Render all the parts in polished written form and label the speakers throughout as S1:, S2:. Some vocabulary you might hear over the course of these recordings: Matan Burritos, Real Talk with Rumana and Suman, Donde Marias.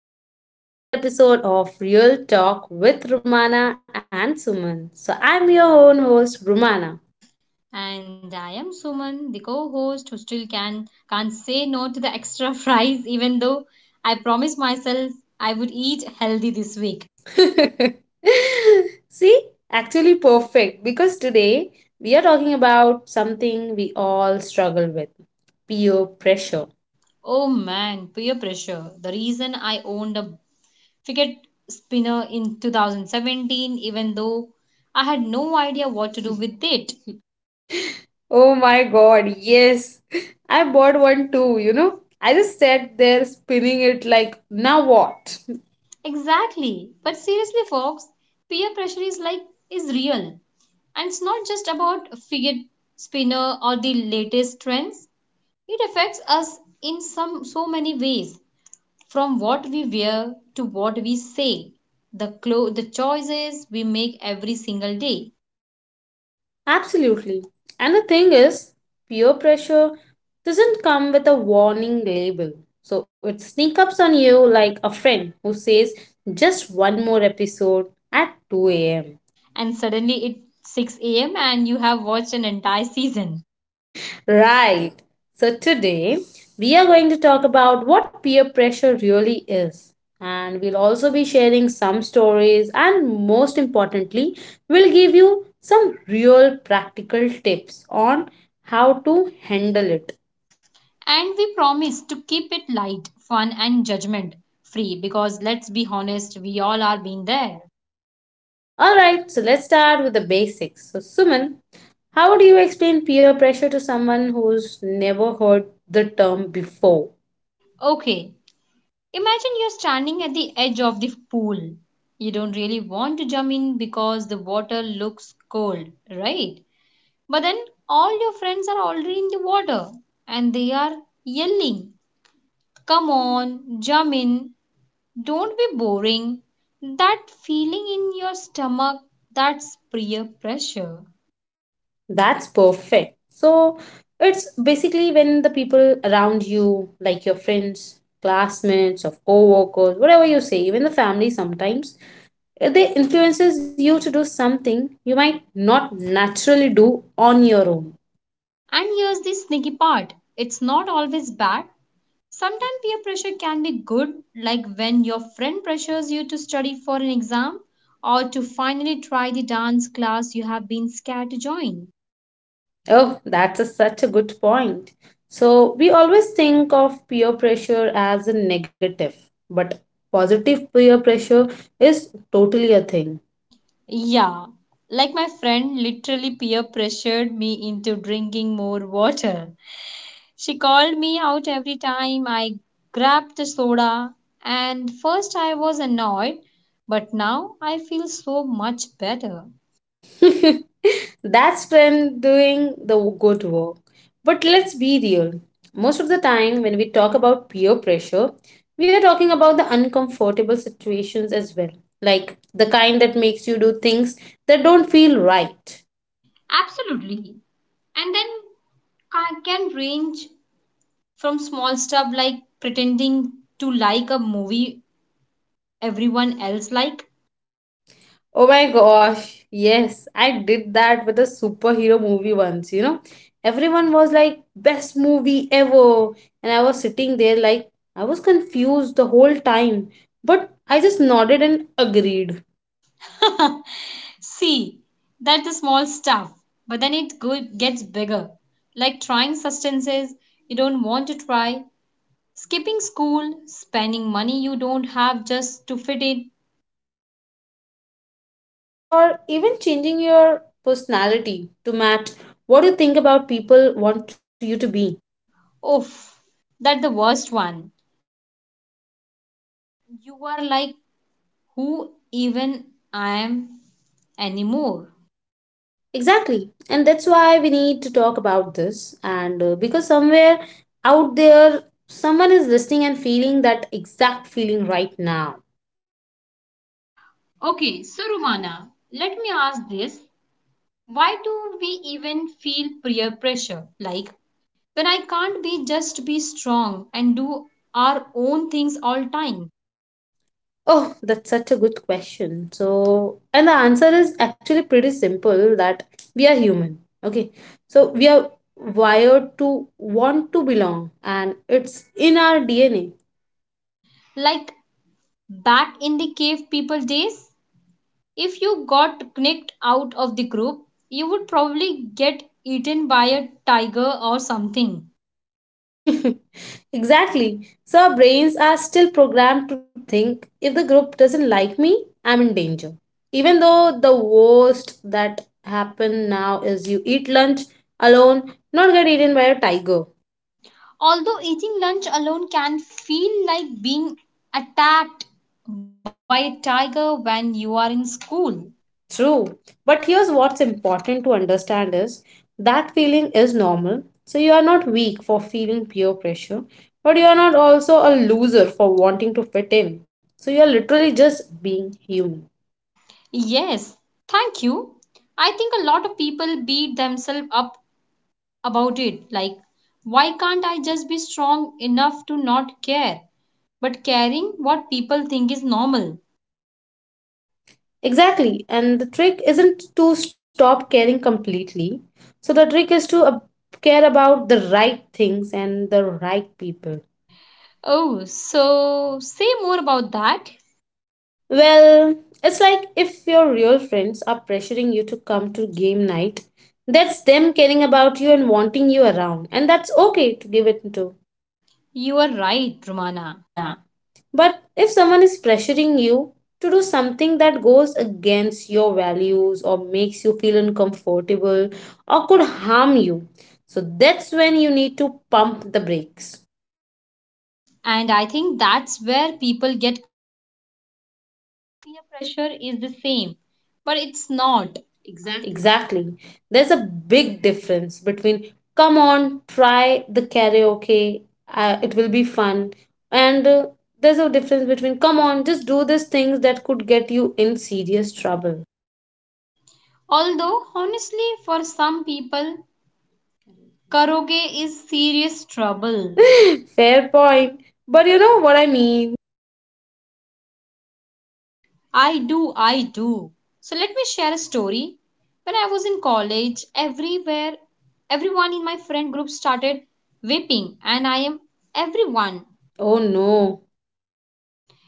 S1: welcome back to another episode of Real Talk with Rumana and Suman. So, I'm your own host, Rumana.
S2: And I am Suman, the co-host who still can't say no to the extra fries even though I promised myself I would eat healthy this week.
S1: See, actually perfect because today we are talking about something we all struggle with peer pressure.
S2: Oh man, peer pressure. The reason I owned a fidget spinner in 2017 even though I had no idea what to do with it.
S1: Oh my god, yes. I bought one too, I just sat there spinning it like, now what?
S2: Exactly. But seriously folks, peer pressure is like is real. And it's not just about fidget spinner or the latest trends. It affects us in some so many ways, from what we wear to what we say, the choices we make every single day.
S1: Absolutely. And the thing is, peer pressure doesn't come with a warning label. So it sneaks up on you like a friend who says, just one more episode at 2 a.m.
S2: And suddenly it's 6 a.m. and you have watched an entire season.
S1: Right. So today, we are going to talk about what peer pressure really is. And we'll also be sharing some stories, and most importantly, we'll give you some real practical tips on how to handle it.
S2: And we promise to keep it light, fun and judgment free because let's be honest, we all are been there.
S1: All right, so let's start with the basics. So, Suman, how do you explain peer pressure to someone who's never heard the term before?
S2: Okay, imagine you're standing at the edge of the pool. You don't really want to jump in because the water looks cold, right? But then all your friends are already in the water and they are yelling, come on, jump in, don't be boring. That feeling in your stomach, that's peer pressure.
S1: That's perfect. So, it's basically when the people around you, like your friends, classmates, or co-workers, whatever you say, even the family sometimes, if they influences you to do something you might not naturally do on your own.
S2: And here's the sneaky part, it's not always bad. Sometimes peer pressure can be good, like when your friend pressures you to study for an exam or to finally try the dance class you have been scared to join.
S1: Oh, that's such a good point. So, we always think of peer pressure as a negative, but positive peer pressure is totally a thing.
S2: Yeah, like my friend literally peer pressured me into drinking more water. She called me out every time I grabbed the soda, and first I was annoyed, but now I feel so much better.
S1: That's when doing the good work. But let's be real. Most of the time, when we talk about peer pressure, we are talking about the uncomfortable situations as well, like the kind that makes you do things that don't feel right.
S2: Absolutely. And then can range from small stuff like pretending to like a movie everyone else like
S1: Oh my gosh, yes, I did that with a superhero movie once, Everyone was like, best movie ever. And I was sitting there like, I was confused the whole time. But I just nodded and agreed.
S2: See, that's the small stuff, but then it gets bigger. Like trying substances you don't want to try, skipping school, spending money you don't have just to fit in.
S1: Or even changing your personality to match what you think about people want you to be.
S2: Oof, that's the worst one. You are like, who even I am anymore?
S1: Exactly. And that's why we need to talk about this. And because somewhere out there, someone is listening and feeling that exact
S2: Okay, so
S1: feeling right
S2: Rumana,
S1: now.
S2: let me ask this. Why do we even feel peer pressure? Like, when I can't be just be strong and do our own things all time.
S1: Oh, that's such a good question. So, and the answer is actually pretty simple that we are human. Okay. So, we are wired to want to belong, and it's in our DNA.
S2: Like back in the cave people days, if you got kicked out of the group, you would probably get eaten by a tiger or something.
S1: Exactly. So our brains are still programmed to think if the group doesn't like me, I'm in danger. Even though the worst that happen now is you eat lunch alone, not get eaten by a tiger.
S2: Although eating lunch alone can feel like being attacked by a tiger when you are in school.
S1: True. But here's what's important to understand is that feeling is normal. So you are not weak for feeling peer pressure, but you are not also a loser for wanting to fit in. So you are literally just being human.
S2: Yes, thank you. I think a lot of people beat themselves up about it. Like, why can't I just be strong enough to not care, but caring what people think is normal?
S1: Exactly. And the trick isn't to stop caring completely. So the trick is to care about the right things and the right people.
S2: Oh, so say more about that.
S1: Well, it's like if your real friends are pressuring you to come to game night, that's them caring about you and wanting you around. And that's okay to give it to.
S2: You are right, Rumana.
S1: Mana. But if someone is pressuring you to do something that goes against your values or makes you feel uncomfortable or could harm you, so that's when you need to pump the brakes.
S2: And I think that's where people get peer pressure is the same, but it's not. Exactly.
S1: Exactly. There's a big difference between come on, try the karaoke, it will be fun, and there's a difference between come on, just do these things that could get you in serious trouble.
S2: Although, honestly, for some people, karaoke is serious trouble.
S1: Fair point. But you know what I mean.
S2: I do, I do. So, let me share a story. When I was in college, everywhere, everyone in my friend group started whipping, and I am everyone.
S1: Oh no.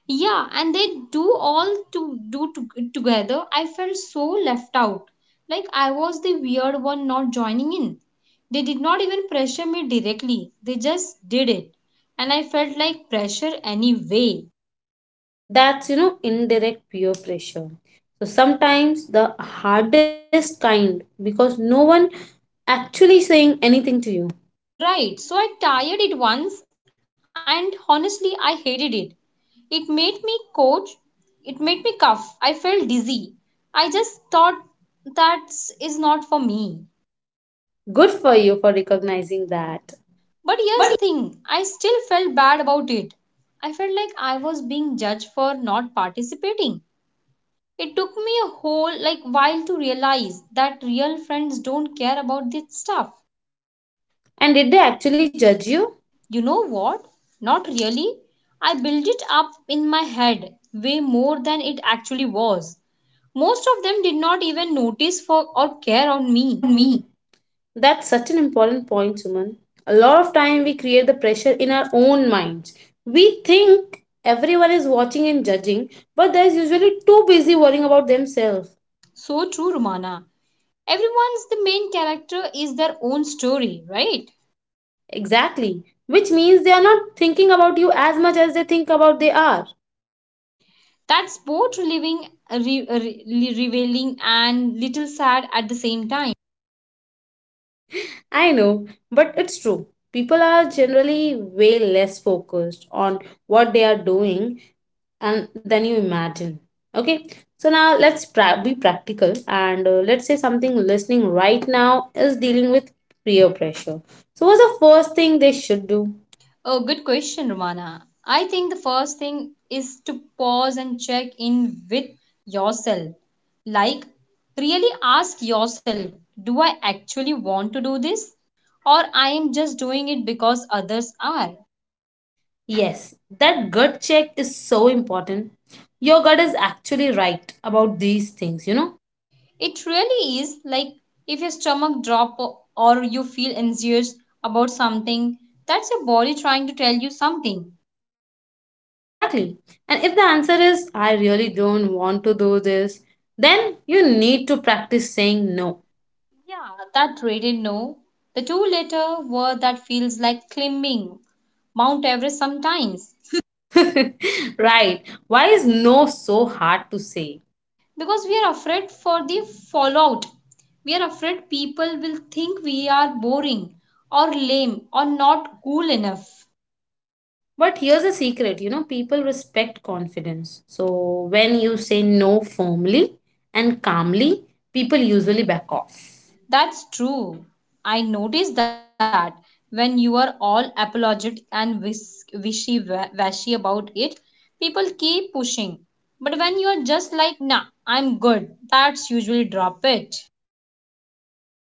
S2: Yeah, and they do all to do to, together. I felt so left out, like I was the weird one not joining in. They did not even pressure me directly. They just did it, and I felt like pressure anyway.
S1: That's indirect peer pressure, so sometimes the hardest kind because no one actually saying anything to you.
S2: Right, so I tired it once, and honestly, I hated it. It made me coach. It made me cough. I felt dizzy. I just thought that is not for me.
S1: Good for you for recognizing that.
S2: But here's the thing, I still felt bad about it. I felt like I was being judged for not participating. It took me a whole like while to realize that real friends don't care about this stuff.
S1: And did they actually judge you
S2: You know what? Not really. I built it up in my head way more than it actually was. Most of them did not even notice for or care on me.
S1: around me. That's such an important point, Suman. A lot of time we create the pressure in our own minds. We think everyone is watching and judging, but they're usually too busy worrying about themselves.
S2: So true, Romana. Everyone's the main character is their own story, right?
S1: Exactly, which means they are not thinking about you as much as they think about they are.
S2: That's both relieving, revealing, and little sad at the same time.
S1: I know, but it's true. People are generally way less focused on what they are doing and than you imagine. Okay, so now be practical, and let's say something listening right now is dealing with peer pressure. So, what's the first thing they should do?
S2: Oh, good question, Romana. I think the first thing is to pause and check in with yourself. Like, really ask yourself, do I actually want to do this? Or I am just doing it because others are?
S1: Yes, that gut check is so important. Your gut is actually right about these things,
S2: It really is like if your or you feel anxious about something, that's your body trying to tell you something.
S1: Exactly. And if the answer is, I really don't want to do this, then you need to practice saying no.
S2: Yeah, that rated no. The two letter word that feels like climbing Mount Everest sometimes
S1: Right. Why is no so hard to say?
S2: because we are afraid for the fallout. We are afraid people will think we are boring or lame or not cool enough.
S1: But here's a secret, people respect confidence. So when you say no firmly and calmly, people usually back off.
S2: That's true. I noticed that when you are all apologetic and wishy-washy about it, people keep pushing. But when you are just like, nah, I'm good, that's usually drop it.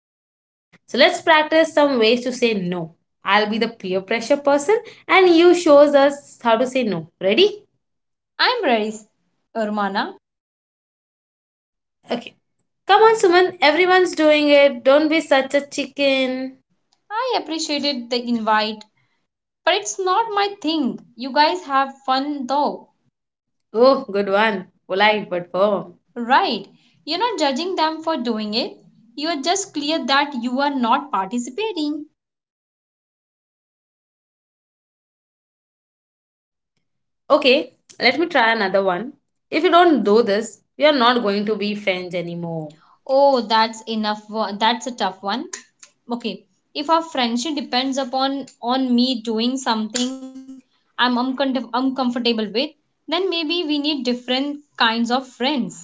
S1: Exactly. So let's practice some ways to say no. I'll be the peer pressure person and you shows us how to say no. Ready?
S2: I'm ready, Urmana.
S1: Okay. Come on, Suman. Everyone's doing it. Don't be such a chicken.
S2: I appreciated the invite, but it's not my thing. You guys have fun though,
S1: Oh, good one. Polite but firm.
S2: right? You're not judging them for doing it. You're just clear that you are not participating.
S1: Okay, let me try another one. If you don't do this, we are not going to be friends anymore.
S2: Oh, that's enough. That's a tough one. Okay, if our friendship depends upon on me doing something uncomfortable with, then maybe we need different kinds of friends.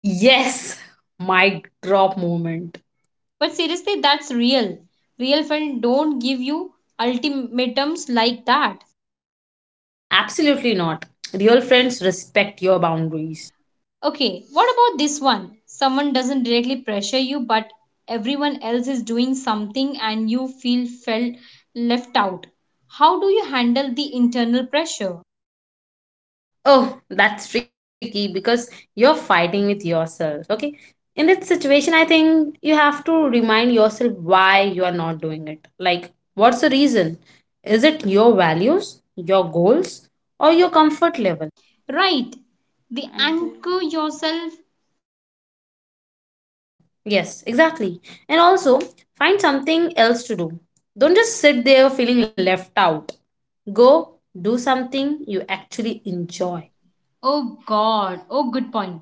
S1: Yes, mic drop moment.
S2: But seriously, that's real. Real friends don't give you ultimatums like that.
S1: Absolutely not. Real friends respect your boundaries.
S2: Okay, what about this one? Someone doesn't directly pressure you, but everyone else is doing something, and you feel felt left out. How do you handle the internal pressure?
S1: Oh, that's tricky because you're fighting with yourself. Okay. In that situation, I think you have to remind yourself why you are not doing it. Like, what's the reason? Is it your values, your goals, or your comfort level?
S2: Right. The anchor yourself.
S1: Yes, exactly. And also, find something else to do. Don't just sit there feeling left out. Go do something you actually enjoy.
S2: Oh God. Oh, good point.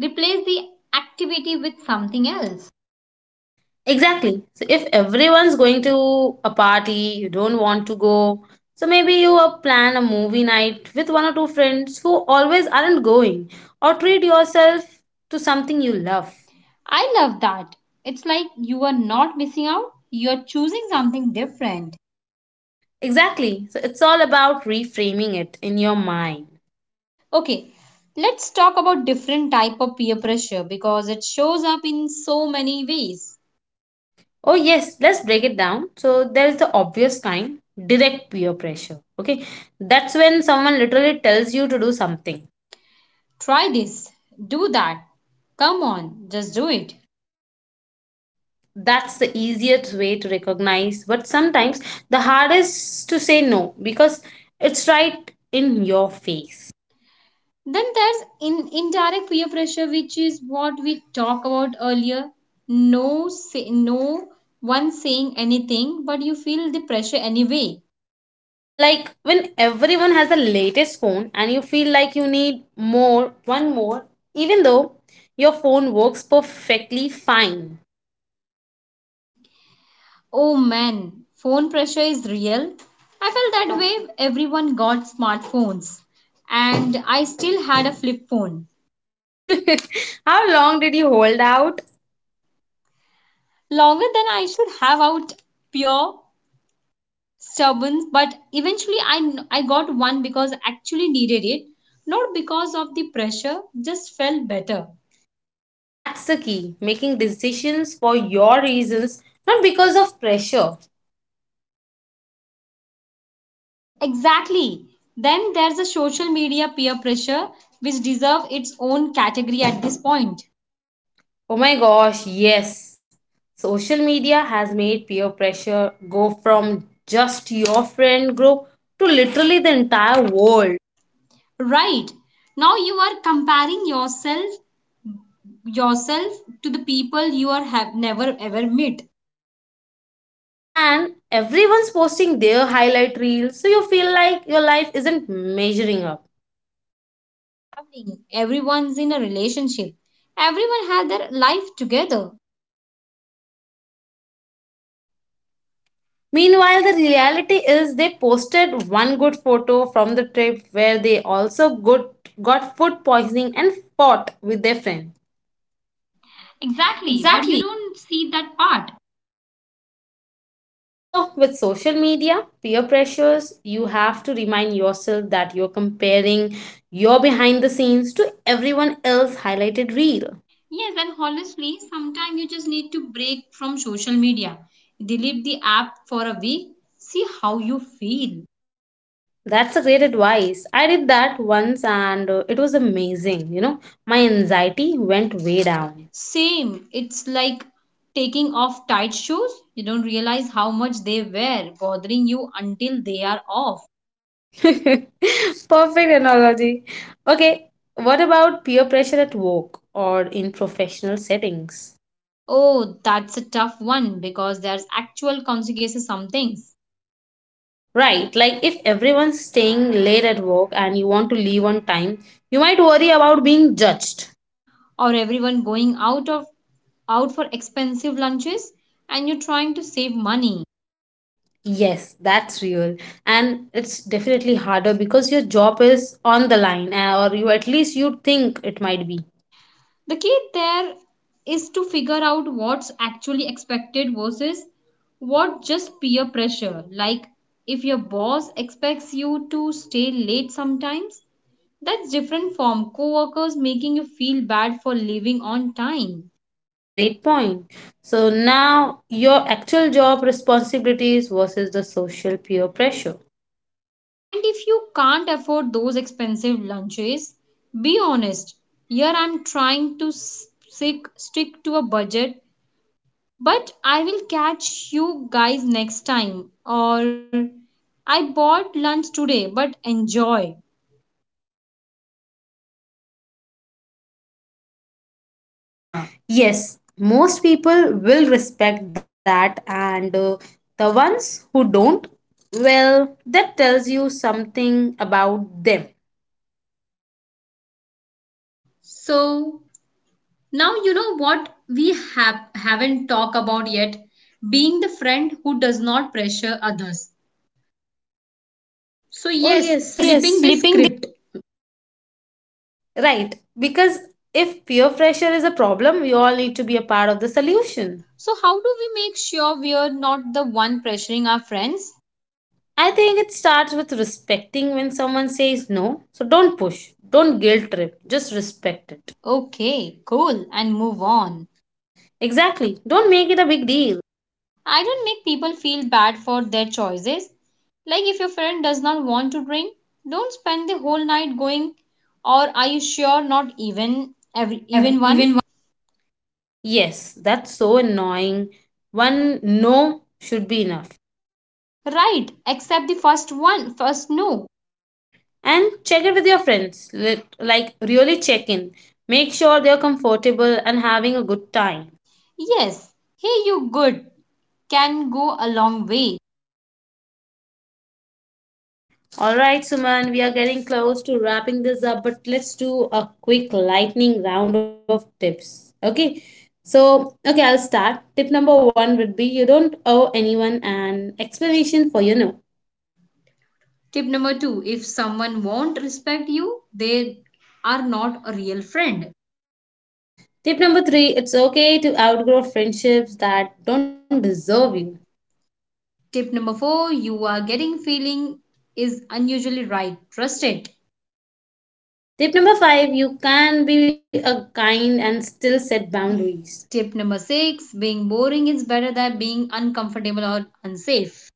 S2: Replace the activity with something else.
S1: Exactly. So if everyone's going to a party, you don't want to go. So maybe you plan a movie night with one or two friends who always aren't going, or treat yourself to something you love.
S2: I love that. It's like you are not missing out, you're choosing something different.
S1: Exactly. So it's all about reframing it in your mind.
S2: Okay, let's talk about different type of peer pressure because it shows up in so many ways.
S1: Oh, yes, let's break it down. So there is the obvious kind direct peer pressure. Okay. That's when someone literally tells you to do something.
S2: Try this, do that. Come on, just do it.
S1: Yep. That's the easiest way to recognize, but sometimes the hardest to say no because it's right in your face,
S2: Then there's in indirect peer pressure, which is what we talked about earlier. No one saying anything, but you feel the pressure anyway.
S1: like when everyone has the latest phone and you feel like you need more one more even though your phone works perfectly fine.
S2: Oh man, phone pressure is real. I felt that way. Everyone got smartphones, and I still had a flip phone
S1: How long did you hold out?
S2: longer than I should have out pure stubborn. But eventually, I got one because I actually needed it, not because of the pressure. Just felt better.
S1: That's the key, making decisions for your reasons, not because of pressure.
S2: Exactly. Then there's a social media peer pressure which deserve its own category at this point.
S1: Oh my gosh, yes. Social media has made peer pressure go from just your friend group to literally the entire world.
S2: Right. Now you are comparing yourself to the people you are have never ever met.
S1: And everyone's posting their highlight reels, so you feel like your life isn't measuring up.
S2: Happening. Everyone's in a relationship. Everyone has their life together.
S1: Meanwhile, the reality is they posted one good photo from the trip where they also good, got food poisoning and fought with their friend.
S2: Exactly, but you
S1: Exactly.
S2: don't see that part.
S1: So, with social media, peer pressures, you have to remind yourself that you're comparing your behind the scenes to everyone else highlighted reel.
S2: Yes, and honestly, sometimes you just need to break from social media. Delete the app for a week. See how you feel.
S1: That's a great advice. I did that once and it was amazing. My anxiety went way down.
S2: Same. It's like taking off tight shoes. You don't realize how much they wear, bothering you until they are off.
S1: Perfect analogy. Okay, what about peer pressure at work or in professional settings?
S2: Oh, that's a tough one because there's actual consequences some things.
S1: Right, like if everyone's staying late at work and you want to leave on time, you might worry about being judged.
S2: Or everyone going out for expensive lunches and you're trying to save money.
S1: Yes, that's real. And it's definitely harder because your job is on the line, or you at least you think it might be.
S2: The key there is to figure out what's actually expected versus what just peer pressure. Like if your boss expects you to stay late sometimes, that's different from coworkers making you feel bad for leaving on time.
S1: Great point. So now your actual job responsibilities versus the social peer pressure.
S2: And if you can't afford those expensive lunches, be honest. Here I'm trying to stick to a budget, but I will catch you guys next time. Or I bought lunch today, but enjoy.
S1: Ah. Yes, most people will respect that, and the ones who don't, well, that tells you something about them.
S2: So now you know what we have haven't talked about yet, being the friend who does not pressure others. So, oh, yes,
S1: So oh,
S2: yes,
S1: yes, yes,
S2: flipping the
S1: flipping
S2: script.
S1: right. Because if peer pressure is a problem, we all need to be a part of the solution.
S2: So, how do we make sure we are not the one pressuring our friends?
S1: I think it starts with respecting when someone says no. So don't push, don't guilt trip, just respect it.
S2: Okay, cool, and move on.
S1: Exactly. Don't make it a big deal.
S2: I don't make people feel bad for their choices. Like, if your friend does not want to drink, don't spend the whole night going, or are you sure not even every even
S1: Every
S2: one?
S1: even yes, that's so annoying. One no should be enough.
S2: Right, except the first one, first no.
S1: And check it with your friends. Let like, really check in. Make sure they're comfortable and having a good time.
S2: Yes, hey, you good can go a long way.
S1: Alright, Suman, we are getting close to wrapping this up, but let's do a quick lightning round of tips. Okay, so, okay, I'll start. Tip #1 would be you don't owe anyone an explanation for your no.
S2: Tip number two, if someone won't respect you, they are not a real friend.
S1: Tip #3, it's okay to outgrow friendships that don't deserve you.
S2: Tip number four, you are getting feeling is unusually right. Trust it.
S1: Tip #5, you can be a kind and still set boundaries.
S2: Tip number six, being boring is better than being uncomfortable or unsafe.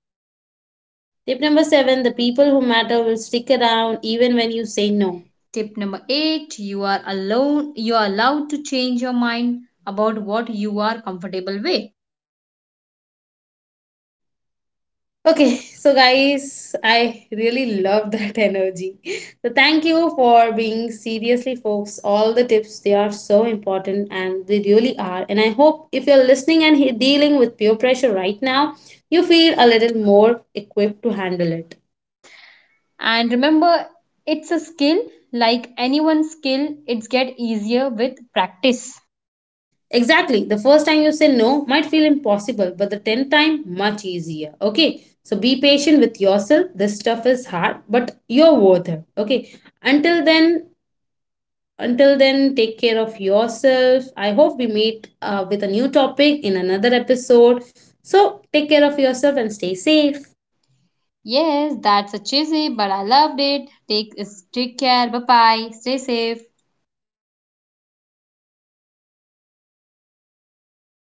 S1: Tip #7, the people who matter will stick around even when you say no.
S2: Tip number eight, you are alone, you are allowed to change your mind about what you are comfortable with.
S1: Okay, so guys, I really love that energy. So thank you for being seriously folks. All the tips they are so important and they really are. And I hope if you're listening and dealing with peer pressure right now, you feel a little more equipped to handle it.
S2: And remember, it's a skill like anyone's skill, it's get easier with practice.
S1: Exactly. The first time you say no might feel impossible, but the 10th time, much easier. Okay. So be patient with yourself. This stuff is hard, but you're worth it. Okay. Until then, until then, take care of yourself. I hope we meet with a new topic in another episode. So take care of yourself and stay safe.
S2: Yes, that's a cheesy, but I loved it. Take care. Bye bye. Stay safe.